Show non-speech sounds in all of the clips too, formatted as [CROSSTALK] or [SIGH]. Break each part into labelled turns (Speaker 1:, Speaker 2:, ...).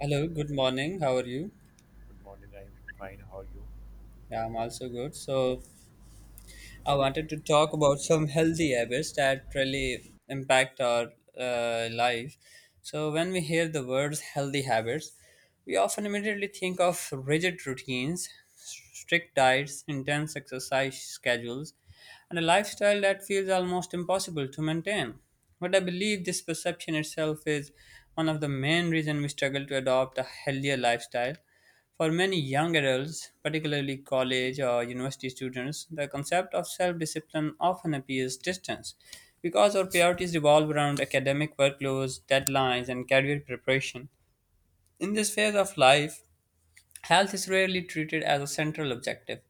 Speaker 1: Hello, good morning. How are you?
Speaker 2: Good morning, I'm fine. How are you?
Speaker 1: Yeah, I'm also good. I wanted to talk about some healthy habits that really impact our life. So, when we hear the words healthy habits, we often immediately think of rigid routines, strict diets, intense exercise schedules, and a lifestyle that feels almost impossible to maintain. But I believe this perception itself is one of the main reasons we struggle to adopt a healthier lifestyle. For many young adults, particularly college or university students, the concept of self discipline often appears distant because our priorities revolve around academic workloads, deadlines, and career preparation. In this phase of life, health is rarely treated as a central objective,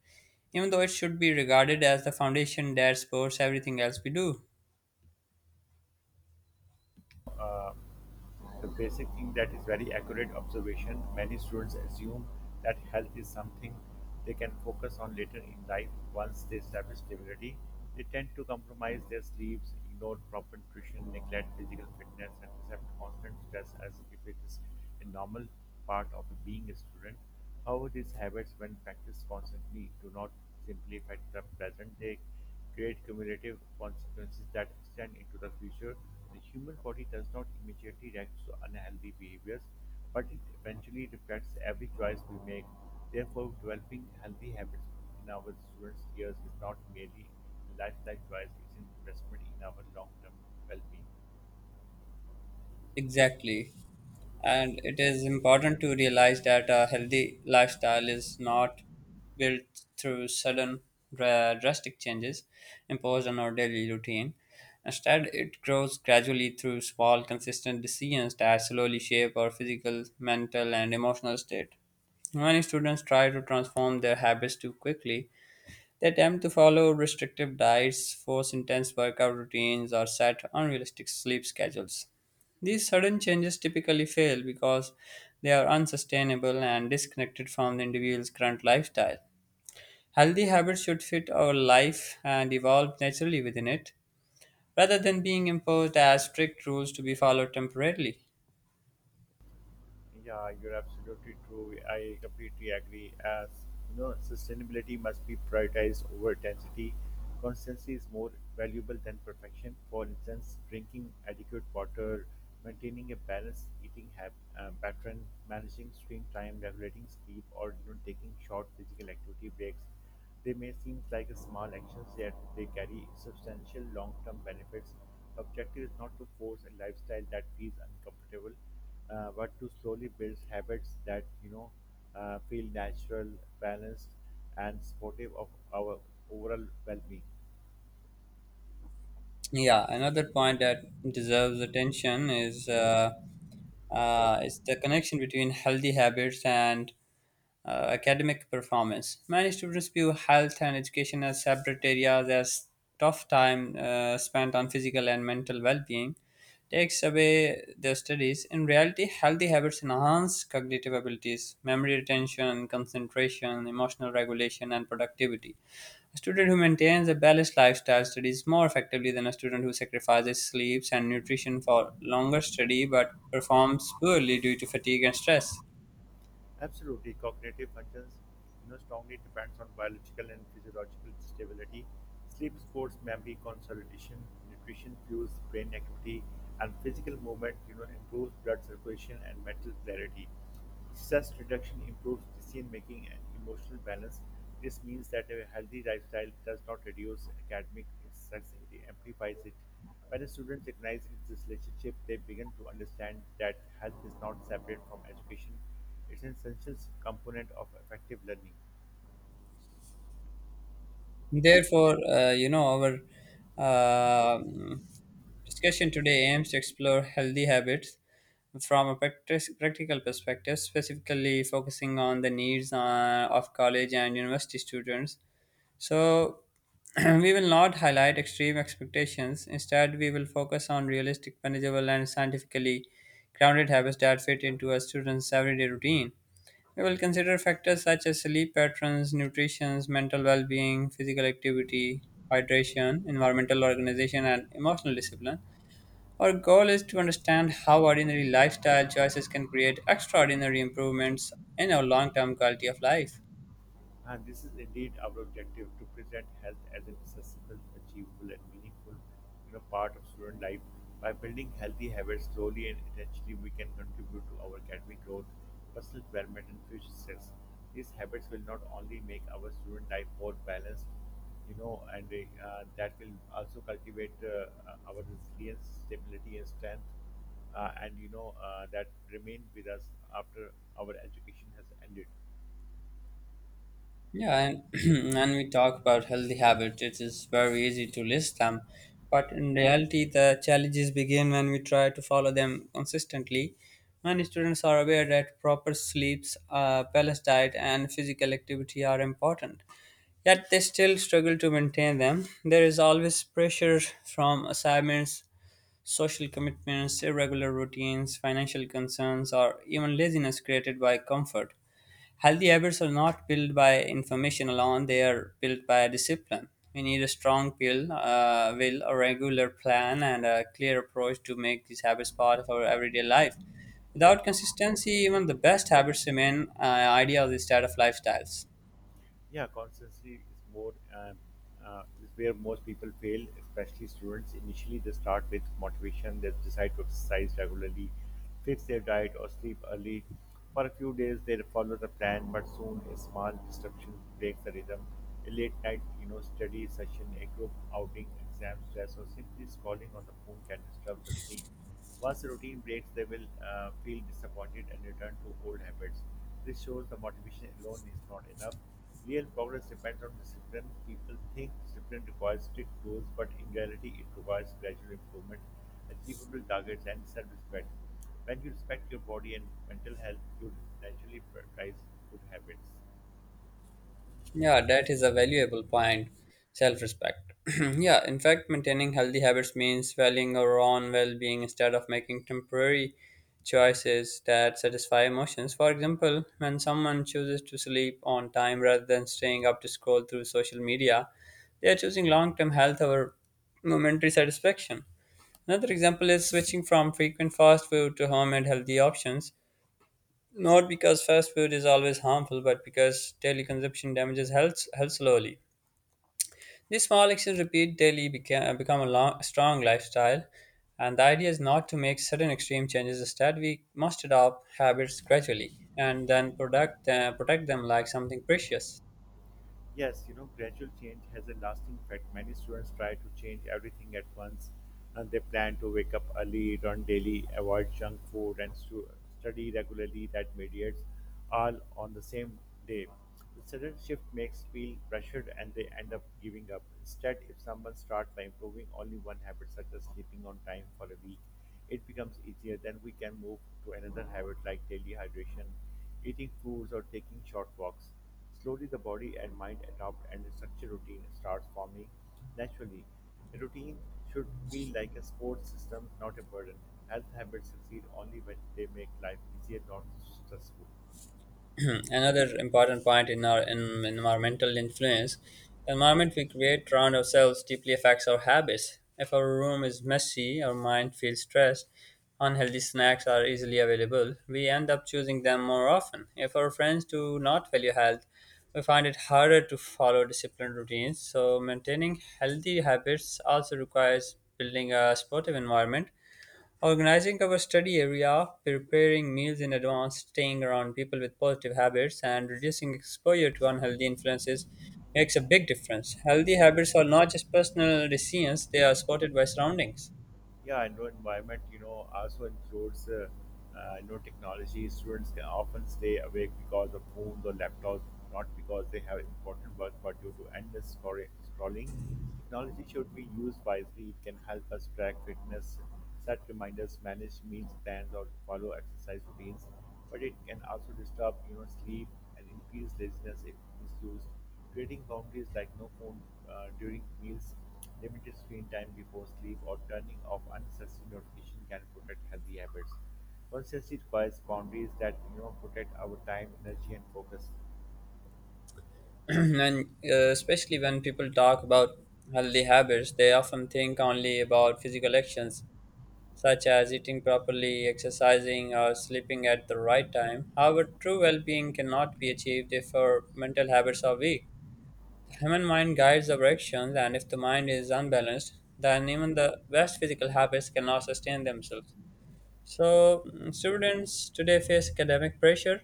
Speaker 1: even though it should be regarded as the foundation that supports everything else we do.
Speaker 2: The basic thing that is very accurate observation. Many students assume that health is something they can focus on later in life once they establish stability. They tend to compromise their sleeps, ignore proper nutrition, neglect physical fitness, and accept constant stress as if it is a normal part of being a student. However, these habits, when practiced constantly, do not simplify the present. They create cumulative consequences that extend into the future. The human body does not immediately react to unhealthy behaviors, but it eventually reflects every choice we make. Therefore, developing healthy habits in our students' years is not merely a lifestyle choice, it's an investment in our long term well being.
Speaker 1: Exactly. And it is important to realize that a healthy lifestyle is not built through sudden drastic changes imposed on our daily routine. Instead, it grows gradually through small, consistent decisions that slowly shape our physical, mental, and emotional state. Many students try to transform their habits too quickly. They attempt to follow restrictive diets, force intense workout routines, or set unrealistic sleep schedules. These sudden changes typically fail because they are unsustainable and disconnected from the individual's current lifestyle. Healthy habits should fit our life and evolve naturally within it, rather than being imposed as strict rules to be followed temporarily.
Speaker 2: Yeah, you're absolutely true. I completely agree. As you know, sustainability must be prioritized over density. Consistency is more valuable than perfection. For instance, drinking adequate water, maintaining a balanced eating pattern, managing screen time, regulating sleep, or taking short physical activity breaks. They may seem like small actions, yet they carry substantial long term benefits. The objective is not to force a lifestyle that feels uncomfortable, but to slowly build habits that feel natural, balanced, and supportive of our overall well being.
Speaker 1: Yeah, another point that deserves attention is the connection between healthy habits and academic performance. Many students view health and education as separate areas, as tough time spent on physical and mental well being takes away their studies. In reality, healthy habits enhance cognitive abilities, memory retention, concentration, emotional regulation, and productivity. A student who maintains a balanced lifestyle studies more effectively than a student who sacrifices sleeps and nutrition for longer study but performs poorly due to fatigue and stress.
Speaker 2: Absolutely, cognitive functions, strongly depends on biological and physiological stability. Sleep supports memory consolidation, nutrition fuels brain activity, and physical movement, improves blood circulation and mental clarity. Stress reduction improves decision making and emotional balance. This means that a healthy lifestyle does not reduce academic success, it amplifies it. When a student recognizes this relationship, they begin to understand that health is not separate from education. It is an essential component of effective learning.
Speaker 1: Therefore, our uh, discussion today aims to explore healthy habits from a practical perspective, specifically focusing on the needs of college and university students. So, [CLEARS THROAT] we will not highlight extreme expectations. Instead, we will focus on realistic, manageable, and scientifically grounded habits that fit into a student's everyday routine. We will consider factors such as sleep patterns, nutrition, mental well being, physical activity, hydration, environmental organization, and emotional discipline. Our goal is to understand how ordinary lifestyle choices can create extraordinary improvements in our long term quality of life.
Speaker 2: And this is indeed our objective to present health as an accessible, achievable, and meaningful part of student life. By building healthy habits slowly and intentionally, we can contribute to our academic growth, personal development, and future success. These habits will not only make our student life more balanced, and that will also cultivate our resilience, stability, and strength, and that remain with us after our education has ended.
Speaker 1: Yeah, and [CLEARS THROAT] when we talk about healthy habits, it is very easy to list them. But in reality, the challenges begin when we try to follow them consistently. Many students are aware that proper sleeps, balanced diet, and physical activity are important. Yet they still struggle to maintain them. There is always pressure from assignments, social commitments, irregular routines, financial concerns, or even laziness created by comfort. Healthy habits are not built by information alone, they are built by discipline. We need a strong will, a regular plan, and a clear approach to make these habits part of our everyday life. Without consistency, even the best habits remain ideal instead of lifestyles.
Speaker 2: Yeah, consistency is where most people fail, especially students. Initially, they start with motivation. They decide to exercise regularly, fix their diet, or sleep early. For a few days, they follow the plan, but soon a small disruption breaks the rhythm. A late night, study session, a group outing, exam stress, or simply scrolling on the phone can disturb the routine. Once the routine breaks, they will feel disappointed and return to old habits. This shows the motivation alone is not enough. Real progress depends on discipline. People think discipline requires strict rules, but in reality, it requires gradual improvement, achievable targets, and self respect. When you respect your body and mental health, you naturally prioritize good habits.
Speaker 1: Yeah, that is a valuable point. Self respect. [CLEARS THROAT] Yeah, in fact, maintaining healthy habits means valuing our own well being instead of making temporary choices that satisfy emotions. For example, when someone chooses to sleep on time rather than staying up to scroll through social media, they are choosing long term health over momentary satisfaction. Another example is switching from frequent fast food to homemade healthy options not because fast food is always harmful, but because daily consumption damages health, health slowly. These small actions repeat daily become a long, strong lifestyle, and the idea is not to make sudden extreme changes. Instead, we must adopt habits gradually and then protect them like something precious.
Speaker 2: Yes, gradual change has a lasting effect. Many students try to change everything at once, and they plan to wake up early, eat on daily, avoid junk food, and study regularly. That mediates all on the same day. The sudden shift makes feel pressured, and they end up giving up. Instead, if someone starts by improving only one habit, such as sleeping on time for a week, it becomes easier. Then we can move to another habit like daily hydration, eating fruits, or taking short walks. Slowly, the body and mind adapt, and a structured routine starts forming naturally. A routine should feel like a support system, not a burden. Health habits succeed only when they make life easier, not stressful.
Speaker 1: [CLEARS THROAT] Another important point in our in environmental influence, the environment we create around ourselves deeply affects our habits. If our room is messy, our mind feels stressed, unhealthy snacks are easily available, we end up choosing them more often. If our friends do not value health, we find it harder to follow disciplined routines. So maintaining healthy habits also requires building a supportive environment Organizing our study area, preparing meals in advance, staying around people with positive habits, and reducing exposure to unhealthy influences makes a big difference. Healthy habits are not just personal decisions, they are supported by surroundings.
Speaker 2: Yeah, and know environment, also includes, technology. Students can often stay awake because of phones or laptops, not because they have important work, but due to endless scrolling. Technology should be used wisely. It can help us track fitness, set reminders, manage meals plans, or follow exercise routines. But it can also disturb, sleep and increased laziness if misused, creating boundaries like no phone during meals, limited screen time before sleep, or turning off unnecessary notifications can protect healthy habits. Consistency requires boundaries that protect our time, energy, and focus.
Speaker 1: [CLEARS THROAT] And especially when people talk about healthy habits, they often think only about physical actions such as eating properly, exercising, or sleeping at the right time. However, true well being cannot be achieved if our mental habits are weak. The human mind guides our actions, and if the mind is unbalanced, then even the best physical habits cannot sustain themselves. So, students today face academic pressure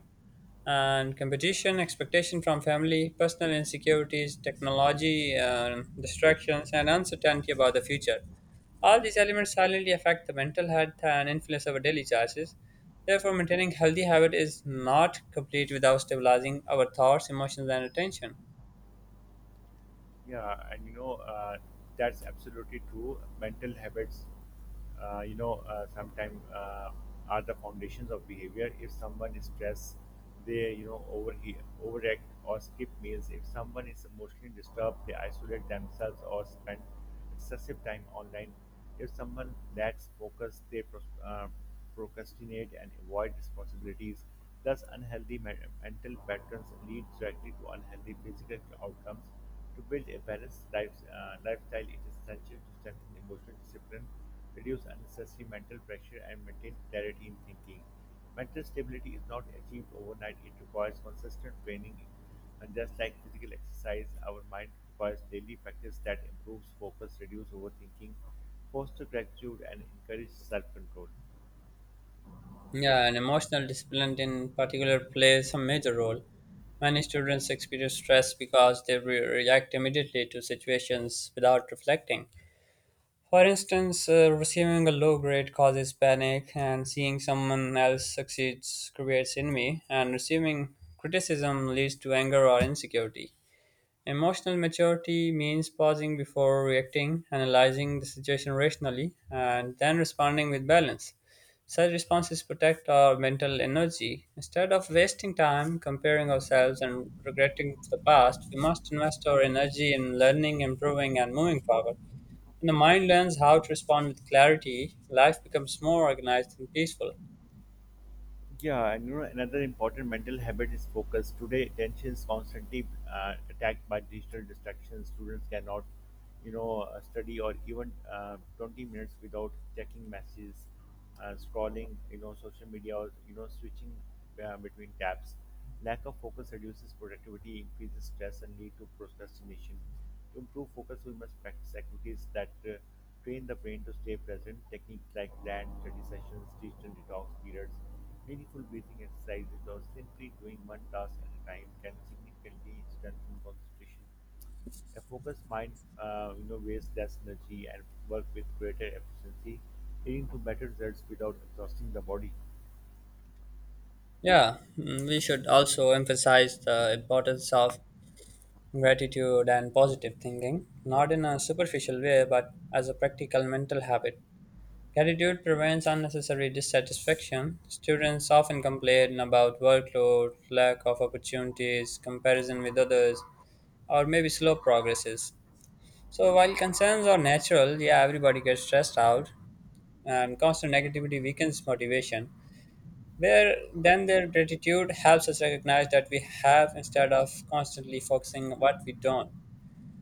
Speaker 1: and competition, expectation from family, personal insecurities, technology, distractions, and uncertainty about the future. All these elements silently affect the mental health and influence our daily choices. Therefore, maintaining healthy habit is not complete without stabilizing our thoughts, emotions, and attention.
Speaker 2: Yeah, and that's absolutely true. Mental habits, sometimes are the foundations of behavior. If someone is stressed, they, overheat, overact or skip meals. If someone is emotionally disturbed, they isolate themselves or spend excessive time online. If someone lacks focus, they procrastinate and avoid responsibilities. Thus, unhealthy mental patterns lead directly to unhealthy physical outcomes. To build a balanced lifestyle, it is essential to strengthen emotional discipline, reduce unnecessary mental pressure, and maintain clarity in thinking. Mental stability is not achieved overnight, it requires consistent training, and just like physical exercise, our mind requires daily practice that improves focus, reduces overthinking, fosters gratitude, and encourages self control.
Speaker 1: Yeah, and emotional discipline in particular plays a major role. Many students experience stress because they react immediately to situations without reflecting. For instance, receiving a low grade causes panic, and seeing someone else succeeds creates envy, and receiving criticism leads to anger or insecurity. Emotional maturity means pausing before reacting, analyzing the situation rationally, and then responding with balance. Such responses protect our mental energy. Instead of wasting time comparing ourselves and regretting the past, we must invest our energy in learning, improving, and moving forward. When the mind learns how to respond with clarity, life becomes more organized and peaceful.
Speaker 2: Yeah, and another important mental habit is focus. Today, attention is constantly attacked by digital distractions. Students cannot, study or even 20 minutes without checking messages, scrolling, social media, or, switching between tabs. Lack of focus reduces productivity, increases stress, and lead to procrastination. To improve focus, we must practice activities that train the brain to stay present. Techniques like land study sessions, digital detox periods, meaningful breathing exercises, or simply doing one task at a time can significantly strengthen concentration. A focused mind, wastes less energy and work with greater efficiency, leading to better results without exhausting the body.
Speaker 1: Yeah, we should also emphasize the importance of gratitude and positive thinking, not in a superficial way, but as a practical mental habit. Gratitude prevents unnecessary dissatisfaction. Students often complain about workload, lack of opportunities, comparison with others, or maybe slow progresses. So, while concerns are natural, yeah, everybody gets stressed out, and constant negativity weakens motivation. Where then their gratitude helps us recognize that we have instead of constantly focusing on what we don't.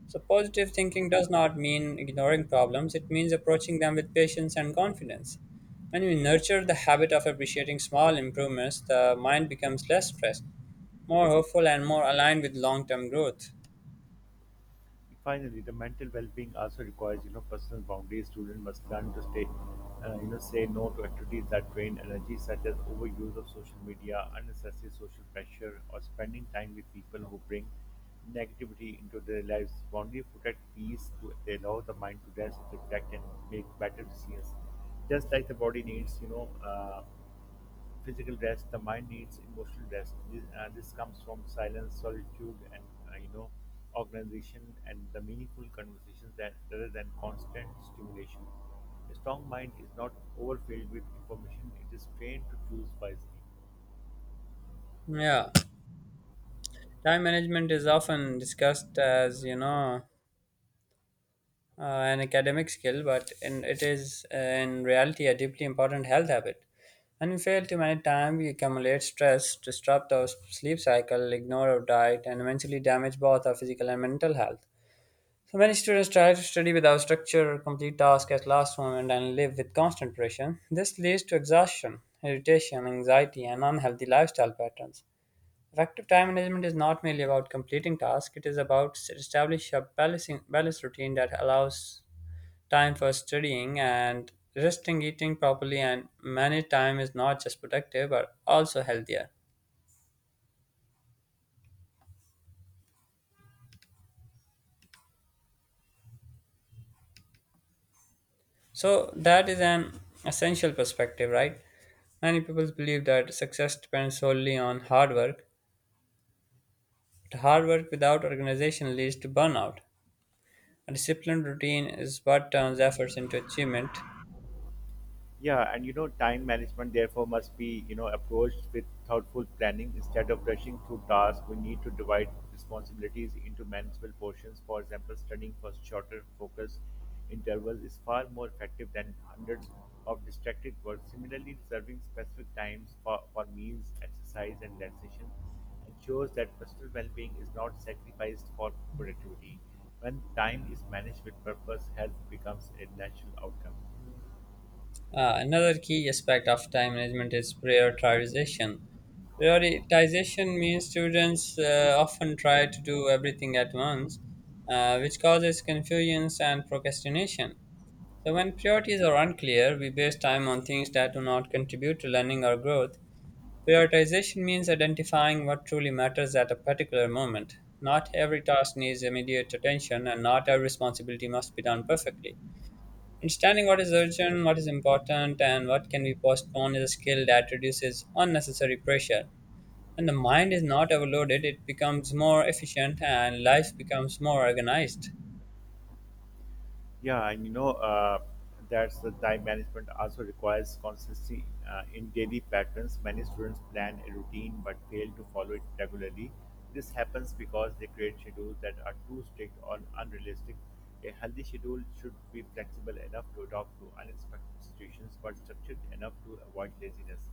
Speaker 1: So, positive thinking does not mean ignoring problems, it means approaching them with patience and confidence. When we nurture the habit of appreciating small improvements, the mind becomes less stressed, more hopeful, and more aligned with long term growth.
Speaker 2: Finally, the mental well-being also requires, personal boundaries. Students must learn to say no to activities that drain energy, such as overuse of social media, unnecessary social pressure, or spending time with people who bring negativity into their lives. Boundaries protect peace. They allow the mind to rest, reflect, and make better decisions. Just like the body needs physical rest, the mind needs emotional rest. This comes from silence, solitude, and uh, you know organization, and the meaningful conversations that rather than constant stimulation. A strong mind is not overfilled with information. It is trained to choose wisely.
Speaker 1: Yeah, time management is often discussed as, an academic skill, but in, it is in reality a deeply important health habit. And we fail to manage time, we accumulate stress, disrupt our sleep cycle, ignore our diet, and eventually damage both our physical and mental health. So many students try to study without structure, complete tasks at last moment, and live with constant pressure. This leads to exhaustion, irritation, anxiety, and unhealthy lifestyle patterns. Effective time management is not merely about completing tasks, it is about establishing a balanced routine that allows time for studying and resting, eating properly, and many time is not just productive but also healthier. So that is an essential perspective, right? Many people believe that success depends solely on hard work, but hard work without organization leads to burnout. A disciplined routine is what turns efforts into achievement.
Speaker 2: Yeah, and time management therefore must be, approached with thoughtful planning instead of rushing through tasks. We need to divide responsibilities into manageable portions. For example, studying for shorter focus intervals is far more effective than hundreds of distracted work. Similarly, reserving specific times for, meals, exercise, and relaxation ensures that personal well-being is not sacrificed for productivity. When time is managed with purpose, health becomes a natural outcome.
Speaker 1: Another key aspect of time management is prioritization. Prioritization means students often try to do everything at once, which causes confusion and procrastination. So, when priorities are unclear, we waste time on things that do not contribute to learning or growth. Prioritization means identifying what truly matters at a particular moment. Not every task needs immediate attention, and not every responsibility must be done perfectly. Understanding what is urgent, what is important, and what can be postponed is a skill that reduces unnecessary pressure. When the mind is not overloaded, it becomes more efficient and life becomes more organized.
Speaker 2: Yeah, and you know, that's the time management also requires consistency in daily patterns. Many students plan a routine but fail to follow it regularly. This happens because they create schedules that are too strict or unrealistic. A healthy schedule should be flexible enough to adapt to unexpected situations but structured enough to avoid laziness.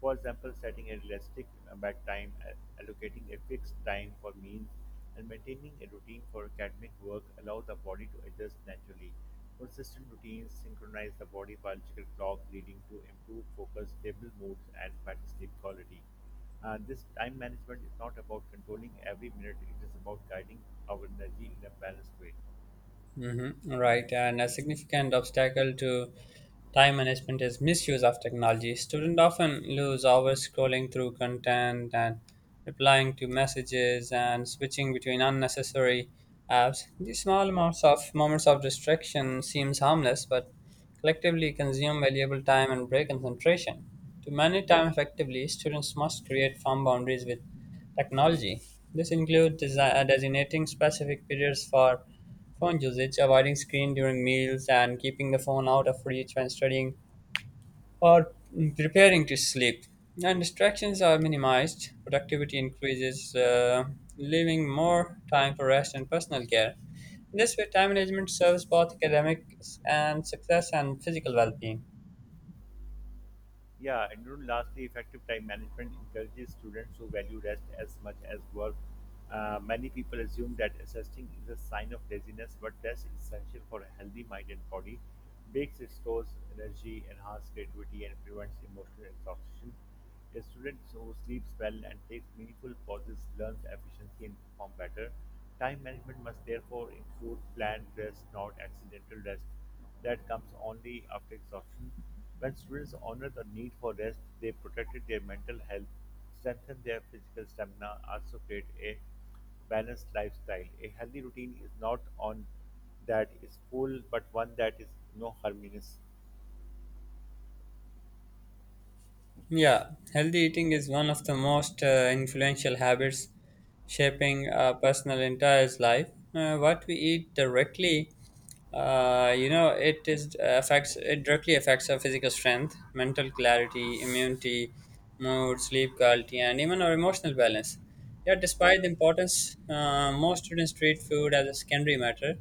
Speaker 2: For example, setting a realistic bedtime, allocating a fixed time for meals, and maintaining a routine for academic work allows the body to adjust naturally. Consistent routines synchronize the body biological clock, leading to improved focus, stable moods, and better sleep quality. This time management is not about controlling every minute, it is about guiding our energy in a balanced way.
Speaker 1: Mm-hmm. Right, and a significant obstacle to time management is misuse of technology. Students often lose hours scrolling through content and replying to messages and switching between unnecessary apps. These small amounts of moments of distraction seems harmless, but collectively consume valuable time and break concentration. To manage time effectively, students must create firm boundaries with technology. This includes designating specific periods for phone usage, avoiding screen during meals, and keeping the phone out of reach when studying or preparing to sleep. And distractions are minimized, productivity increases, leaving more time for rest and personal care. This way, time management serves both academic and success and physical well being.
Speaker 2: Yeah, and lastly, effective time management encourages students to value rest as much as work. Many people assume that resting is a sign of laziness, but rest is essential for a healthy mind and body. Breaks restores energy, enhance creativity, and prevents emotional exhaustion. A student who sleeps well and takes meaningful pauses learns efficiency and perform better. Time management must therefore include planned rest, not accidental rest that comes only after exhaustion. When students honor the need for rest, they protected their mental health, strengthen their physical stamina, also create a balanced lifestyle. A healthy routine is not on that is full, but one that is no harmonious.
Speaker 1: Yeah, healthy eating is one of the most influential habits shaping a personal entire life. What we eat directly you know, it is affects it directly affects our physical strength, mental clarity, immunity, mood, sleep quality, and even our emotional balance. Yet, despite the importance, most students treat food as a secondary matter.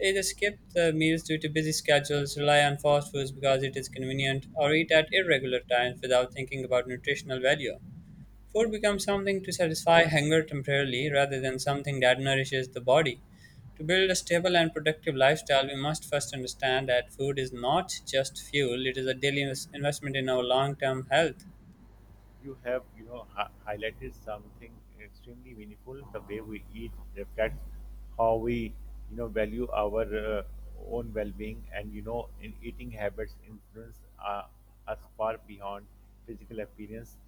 Speaker 1: They either skip the meals due to busy schedules, rely on fast foods because it is convenient, or eat at irregular times without thinking about nutritional value. Food becomes something to satisfy hunger temporarily rather than something that nourishes the body. To build a stable and productive lifestyle, we must first understand that food is not just fuel, it is a daily investment in our long term health.
Speaker 2: You have highlighted something extremely meaningful. The way we eat reflects how we value our own well-being, and in eating habits influence us far beyond physical appearance.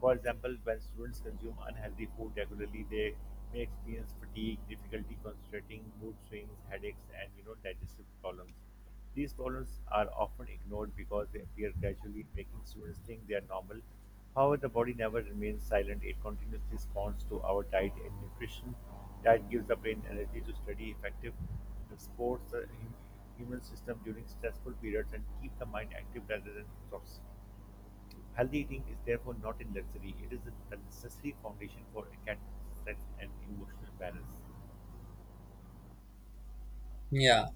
Speaker 2: For example, when students consume unhealthy food regularly, they may experience fatigue, difficulty concentrating, mood swings, headaches, and digestive problems. These problems are often ignored because they appear gradually, making students think they are normal. However, the body never remains silent; it continuously responds to our diet and nutrition. Diet gives the brain energy to study effective supports the human system during stressful periods, and keep the mind active rather than exhausted. Healthy eating is therefore not a luxury, it is the necessary foundation for a cat strength and emotional balance.
Speaker 1: Yeah.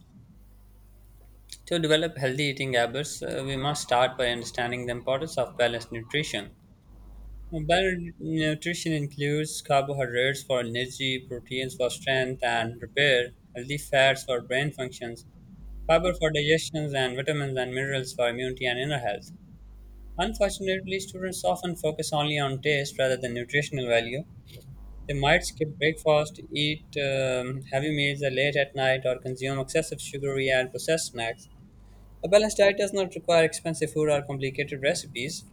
Speaker 1: To develop healthy eating habits, we must start by understanding the importance of balanced nutrition. Well, balanced nutrition includes carbohydrates for energy, proteins for strength and repair, healthy fats for brain functions, fiber for digestion, and vitamins and minerals for immunity and inner health. Unfortunately, students often focus only on taste rather than nutritional value. They might skip breakfast, eat heavy meals late at night, or consume excessive sugary and processed snacks. A balanced diet does not require expensive food or complicated recipes.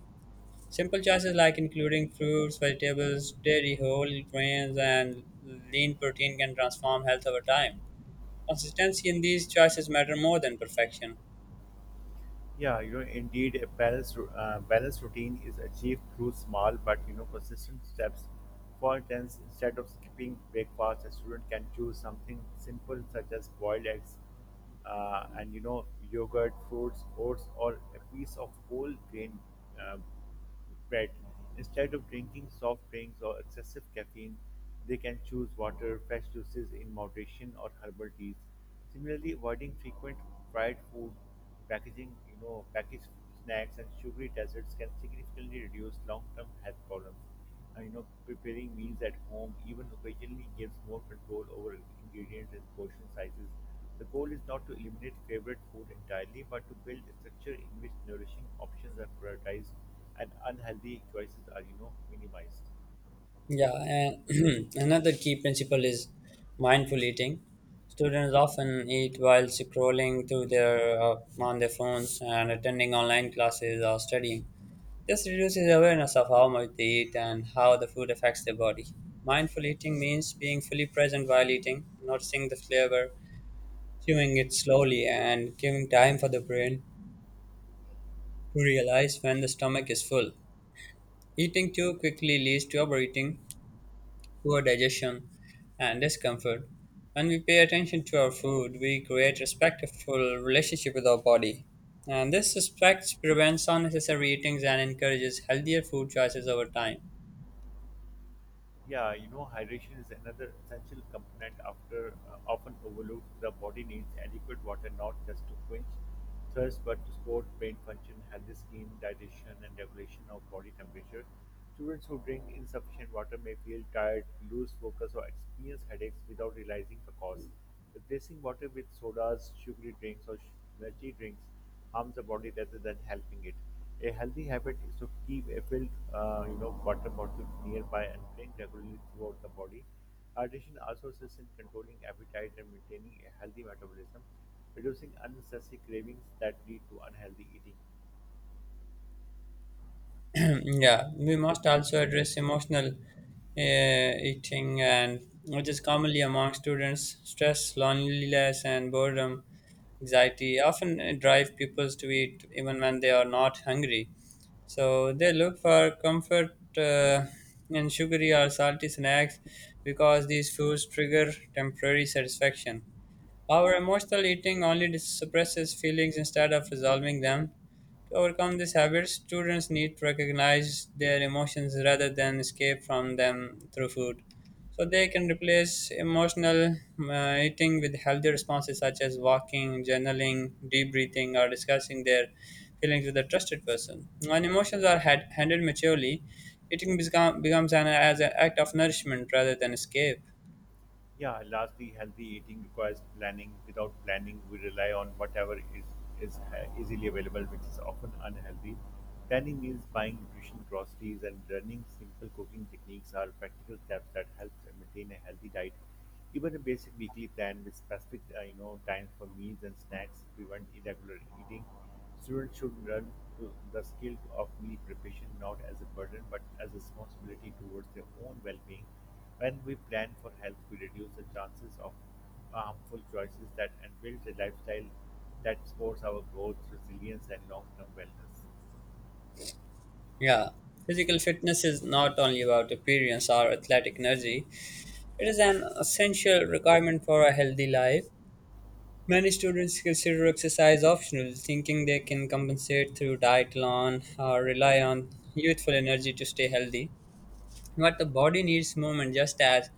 Speaker 1: Simple choices like including fruits, vegetables, dairy, whole grains, and lean protein can transform health over time. Consistency in these choices matter more than perfection.
Speaker 2: Yeah, you know, indeed, a balanced, balanced routine is achieved through small but, you know, consistent steps. For instance, instead of skipping breakfast, a student can choose something simple such as boiled eggs and, you know, yogurt, fruits, oats, or a piece of whole grain uh, bread. Instead of drinking soft drinks or excessive caffeine, they can choose water, fresh juices in moderation, or herbal teas. Similarly, avoiding frequent fried food, packaged snacks and sugary desserts can significantly reduce long-term health problems. You know, preparing meals at home, even occasionally, gives more control over ingredients and portion sizes. The goal is not to eliminate favorite food entirely, but to build a structure in which nourishing options are prioritized and unhealthy choices are, you know, minimized.
Speaker 1: Yeah, and [CLEARS THROAT] another key principle is mindful eating. Students often eat while scrolling through their on their phones and attending online classes or studying. This reduces awareness of how much they eat and how the food affects their body. Mindful eating means being fully present while eating, noticing the flavor, chewing it slowly, and giving time for the brain to realize when the stomach is full. Eating too quickly leads to overeating, poor digestion, and discomfort. When we pay attention to our food, we create respectful relationship with our body. And this respect prevents unnecessary eatings and encourages healthier food choices over time.
Speaker 2: Yeah, you know, hydration is another essential component after often overlooked. The body needs adequate water not just to quench thirst, but to support brain function, healthy skin, digestion, and regulation of body temperature. Students who drink insufficient water may feel tired, lose focus, or experience headaches without realizing the cause. Replacing water with sodas, sugary drinks, or energy drinks harms the body rather than helping it. A healthy habit is to keep a filled, you know, water bottle nearby and drink regularly throughout the body. Hydration also assists in controlling appetite and maintaining a healthy metabolism, reducing unnecessary cravings that lead to unhealthy eating.
Speaker 1: Mm, yeah, we must also address emotional eating, and which is commonly among students. Stress, loneliness, and boredom, anxiety often drive people to eat even when they are not hungry. So they look for comfort in sugary or salty snacks because these foods trigger temporary satisfaction. Our emotional eating only suppresses feelings instead of resolving them. To overcome these habits, students need to recognize their emotions rather than escape from them through food. So they can replace emotional eating with healthy responses such as walking, journaling, deep breathing, or discussing their feelings with a trusted person. When emotions are handled maturely, becomes an as an act of nourishment rather than escape.
Speaker 2: Yeah, lastly, healthy eating requires planning. Without planning, we rely on whatever is easily available, which is often unhealthy. Planning means buying nutrition groceries and learning simple cooking techniques are practical steps that help maintain a healthy diet. Even a basic weekly plan with specific, you know, times for meals and snacks prevent irregular eating. Students should learn to the skill of meal preparation not as a burden but as a responsibility towards their own well-being. When we plan for health, we reduce the chances of harmful choices that and build a lifestyle that supports our growth, resilience, and long-term wellness.
Speaker 1: Yeah. Physical fitness is not only about appearance or athletic energy, it is an essential requirement for a healthy life. Many students consider exercise optional, thinking they can compensate through diet alone or rely on youthful energy to stay healthy. But the body needs movement just as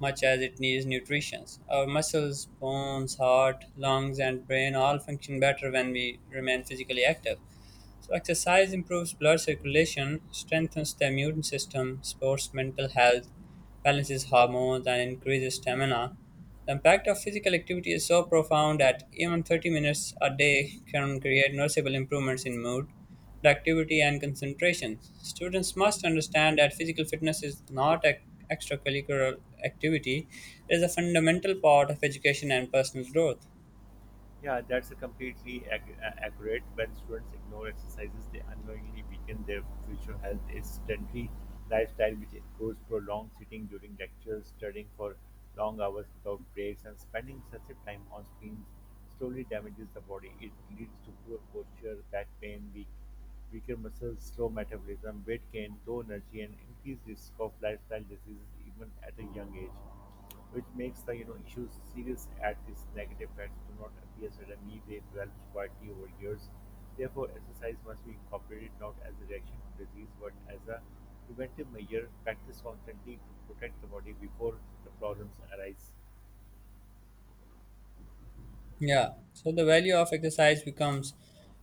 Speaker 1: much as it needs nutrition. Our muscles, bones, heart, lungs, and brain all function better when we remain physically active. So, exercise improves blood circulation, strengthens the immune system, supports mental health, balances hormones, and increases stamina. The impact of physical activity is so profound that even 30 minutes a day can create noticeable improvements in mood, productivity, and concentration. Students must understand that physical fitness is not an extracurricular activity, it is a fundamental part of education and personal growth.
Speaker 2: Yeah, that's a completely accurate. When students ignore exercises, they unknowingly weaken their future health. It's sedentary lifestyle, which includes prolonged sitting during lectures, studying for long hours without breaks, and spending excessive time on screens, slowly damages the body. It leads to poor posture, back pain, weaker muscles, slow metabolism, weight gain, low energy, and increased risk of lifestyle diseases even at a young age, which makes the, you know, issues serious at its negative effects. Do not appear suddenly, they develop quietly over years. Therefore exercise must be incorporated not as a reaction to disease but as a preventive measure practice constantly to protect the body before the problems arise.
Speaker 1: Yeah, so the value of exercise becomes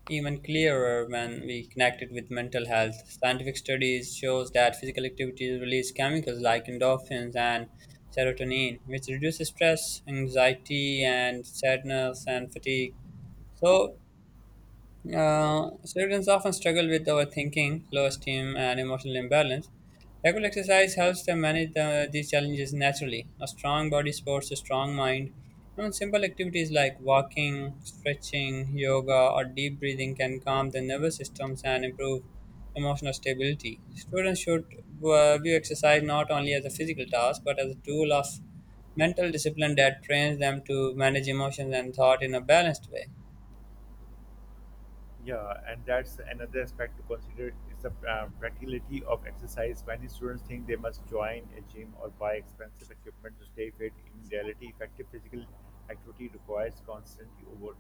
Speaker 1: even clearer when we connect it with mental health. Scientific studies shows that physical activity release chemicals like endorphins and serotonin, which reduces stress, anxiety, and sadness and fatigue. So Students often struggle with overthinking, low esteem, and emotional imbalance. Regular exercise helps them manage these challenges naturally. A strong body supports a strong mind. Even simple activities like walking, stretching, yoga, or deep breathing can calm the nervous systems and improve emotional stability. Students should view exercise not only as a physical task but as a tool of mental discipline that trains them to manage emotions and thought in a balanced way.
Speaker 2: Yeah, and that's another aspect to consider is the practicality of exercise. Many students think they must join a gym or buy expensive equipment to stay fit. In reality, effective physical activity requires constantly over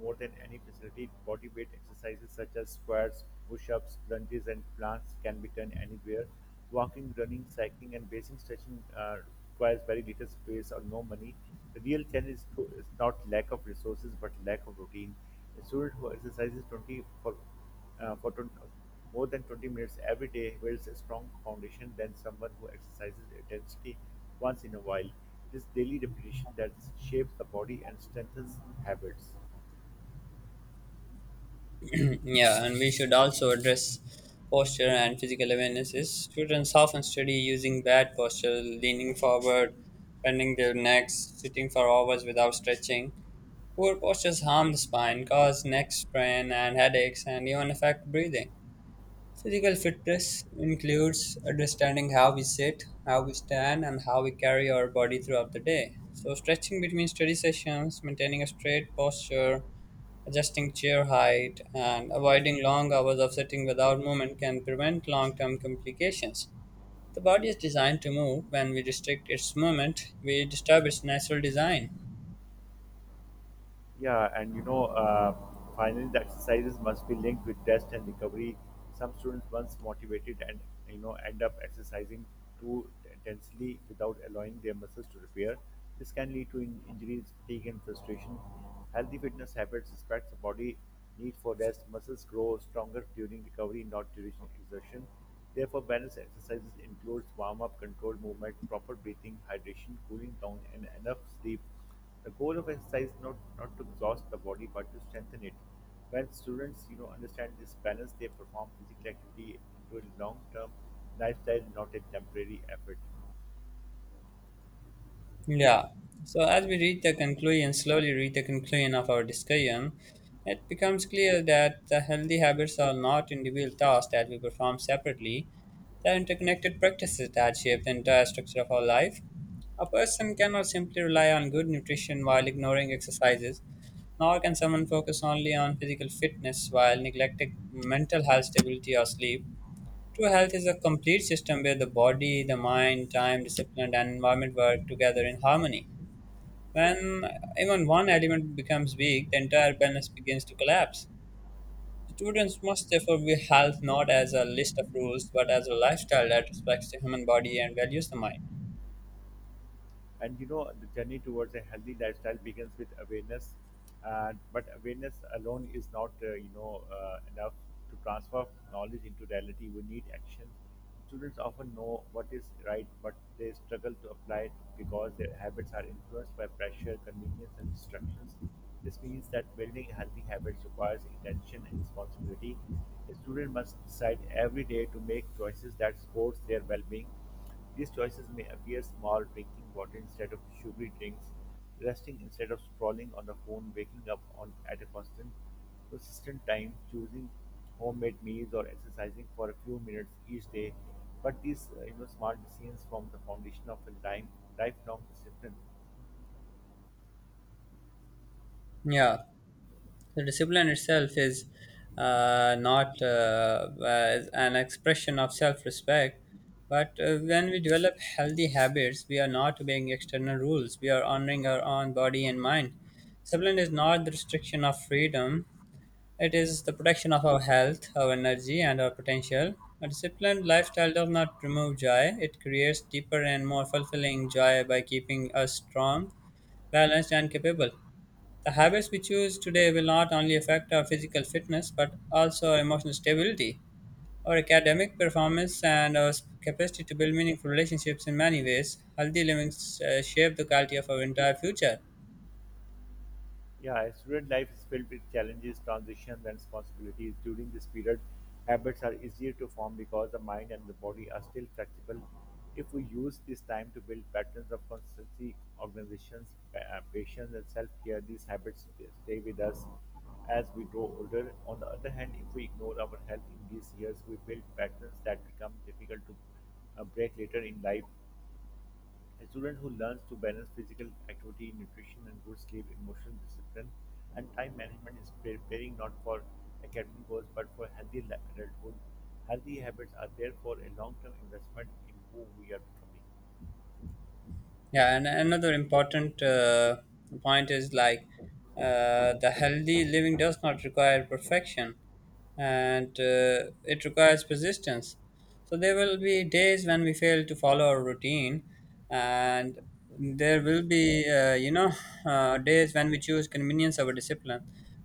Speaker 2: more than any facility. Body weight exercises such as squats, push-ups, lunges, and planks can be done anywhere. Walking, running, cycling, and basic stretching requires very little space or no money. The real challenge is not lack of resources but lack of routine. A student who exercises 20 for, uh, for 20, more than 20 minutes every day builds a strong foundation than someone who exercises intensity once in a while. It is daily repetition that shapes the body and strengthens habits.
Speaker 1: Yeah, and we should also address posture and physical awarenesses. Students often study using bad posture, leaning forward, bending their necks, sitting for hours without stretching. Poor postures harm the spine, cause neck strain and headaches, and even affect breathing. Physical fitness includes understanding how we sit, how we stand, and how we carry our body throughout the day. So, stretching between study sessions, maintaining a straight posture, adjusting chair height and avoiding long hours of sitting without movement can prevent long term complications. The body is designed to move. When we restrict its movement, we disturb its natural design.
Speaker 2: Yeah, and you know, finally, the exercises must be linked with rest and recovery. Some students, once motivated and, you know, end up exercising too intensely without allowing their muscles to repair. This can lead to injuries, fatigue, and frustration. Healthy fitness habits respect the body need for rest. Muscles grow stronger during recovery, not during exertion. Therefore, balanced exercises includes warm-up, controlled movement, proper breathing, hydration, cooling down, and enough sleep. The goal of exercise is not to exhaust the body but to strengthen it. When students, you know, understand this balance, they perform physical activity into a long-term lifestyle, not a temporary effort.
Speaker 1: Yeah. So as we slowly reach the conclusion of our discussion, it becomes clear that the healthy habits are not individual tasks that we perform separately. They are interconnected practices that shape the entire structure of our life. A person cannot simply rely on good nutrition while ignoring exercises, nor can someone focus only on physical fitness while neglecting mental health, stability, or sleep. True health is a complete system where the body, the mind, time, discipline, and environment work together in harmony. When even one element becomes weak, the entire balance begins to collapse. Students must therefore view health not as a list of rules, but as a lifestyle that respects the human body and values the mind.
Speaker 2: And you know, the journey towards a healthy lifestyle begins with awareness, but awareness alone is not, enough to transfer knowledge into reality. We need action. Students often know what is right, but they struggle to apply it because their habits are influenced by pressure, convenience, and distractions. This means that building healthy habits requires intention and responsibility. A student must decide every day to make choices that supports their well-being. These choices may appear small: drinking water instead of sugary drinks, resting instead of scrolling on the phone, waking up at a consistent time, choosing homemade meals, or exercising for a few minutes each day. But these, you know, small decisions form the foundation of a lifelong discipline.
Speaker 1: Yeah, the discipline itself is not as an expression of self-respect but when we develop healthy habits, we are not obeying external rules, we are honoring our own body and mind. Discipline is not the restriction of freedom, it is the protection of our health, our energy, and our potential. A disciplined lifestyle does not remove joy, it creates deeper and more fulfilling joy by keeping us strong, balanced, and capable. The habits we choose today will not only affect our physical fitness but also our emotional stability, our academic performance, and our capacity to build meaningful relationships in many ways. Healthy living shape the quality of our entire future.
Speaker 2: Yeah, student life is filled with challenges, transitions, and responsibilities. During this period, habits are easier to form because the mind and the body are still flexible. If we use this time to build patterns of consistency, organizations, patience, and self care, these habits stay with us as we grow older. On the other hand, if we ignore our health in these years, we build patterns that become difficult to break later in life. A student who learns to balance physical activity, nutrition, and good sleep, emotional discipline, and time management is preparing not for academic goals but for adulthood. Healthy habits are therefore a long term investment in who we are becoming.
Speaker 1: Yeah, and another important point is like the healthy living does not require perfection and it requires persistence. So there will be days when we fail to follow our routine, and there will be, days when we choose convenience over discipline.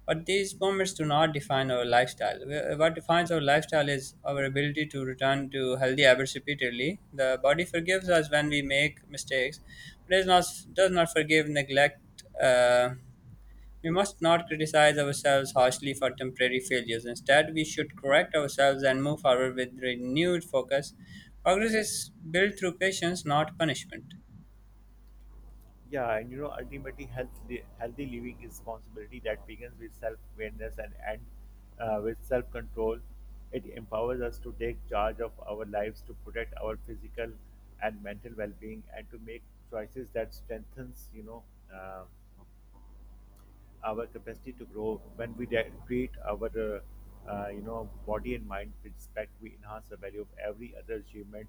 Speaker 1: But these moments do not define our lifestyle. What defines our lifestyle is our ability to return to healthy habits repeatedly. The body forgives us when we make mistakes, but does not forgive neglect. Uh, we must not criticize ourselves harshly for temporary failures. Instead, we should correct ourselves and move forward with renewed focus. Progress is built through patience, not punishment.
Speaker 2: Yeah, and you know, ultimately, healthy living is responsibility that begins with self awareness and ends, with self control. It empowers us to take charge of our lives, to protect our physical and mental well being, and to make choices that strengthens, you know, um, our capacity to grow. When we treat our, you know, body and mind with respect, we enhance the value of every other achievement.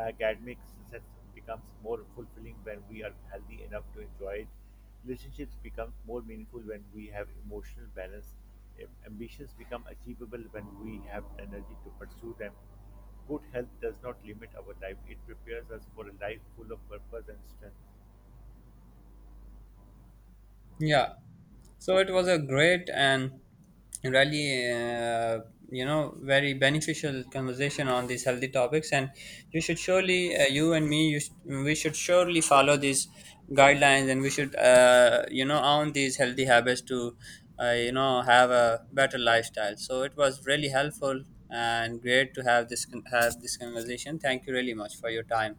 Speaker 2: Academic success becomes more fulfilling when we are healthy enough to enjoy it. Relationships become more meaningful when we have emotional balance. Ambitions become achievable when we have energy to pursue them. Good health does not limit our life, it prepares us for a life full of purpose and strength.
Speaker 1: Yeah. So it was a great and really, very beneficial conversation on these healthy topics. And you should surely, you and me, you sh- we should surely follow these guidelines, and we should, own these healthy habits to, have a better lifestyle. So it was really helpful and great to have this conversation. Thank you really much for your time.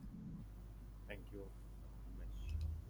Speaker 2: Thank you very much.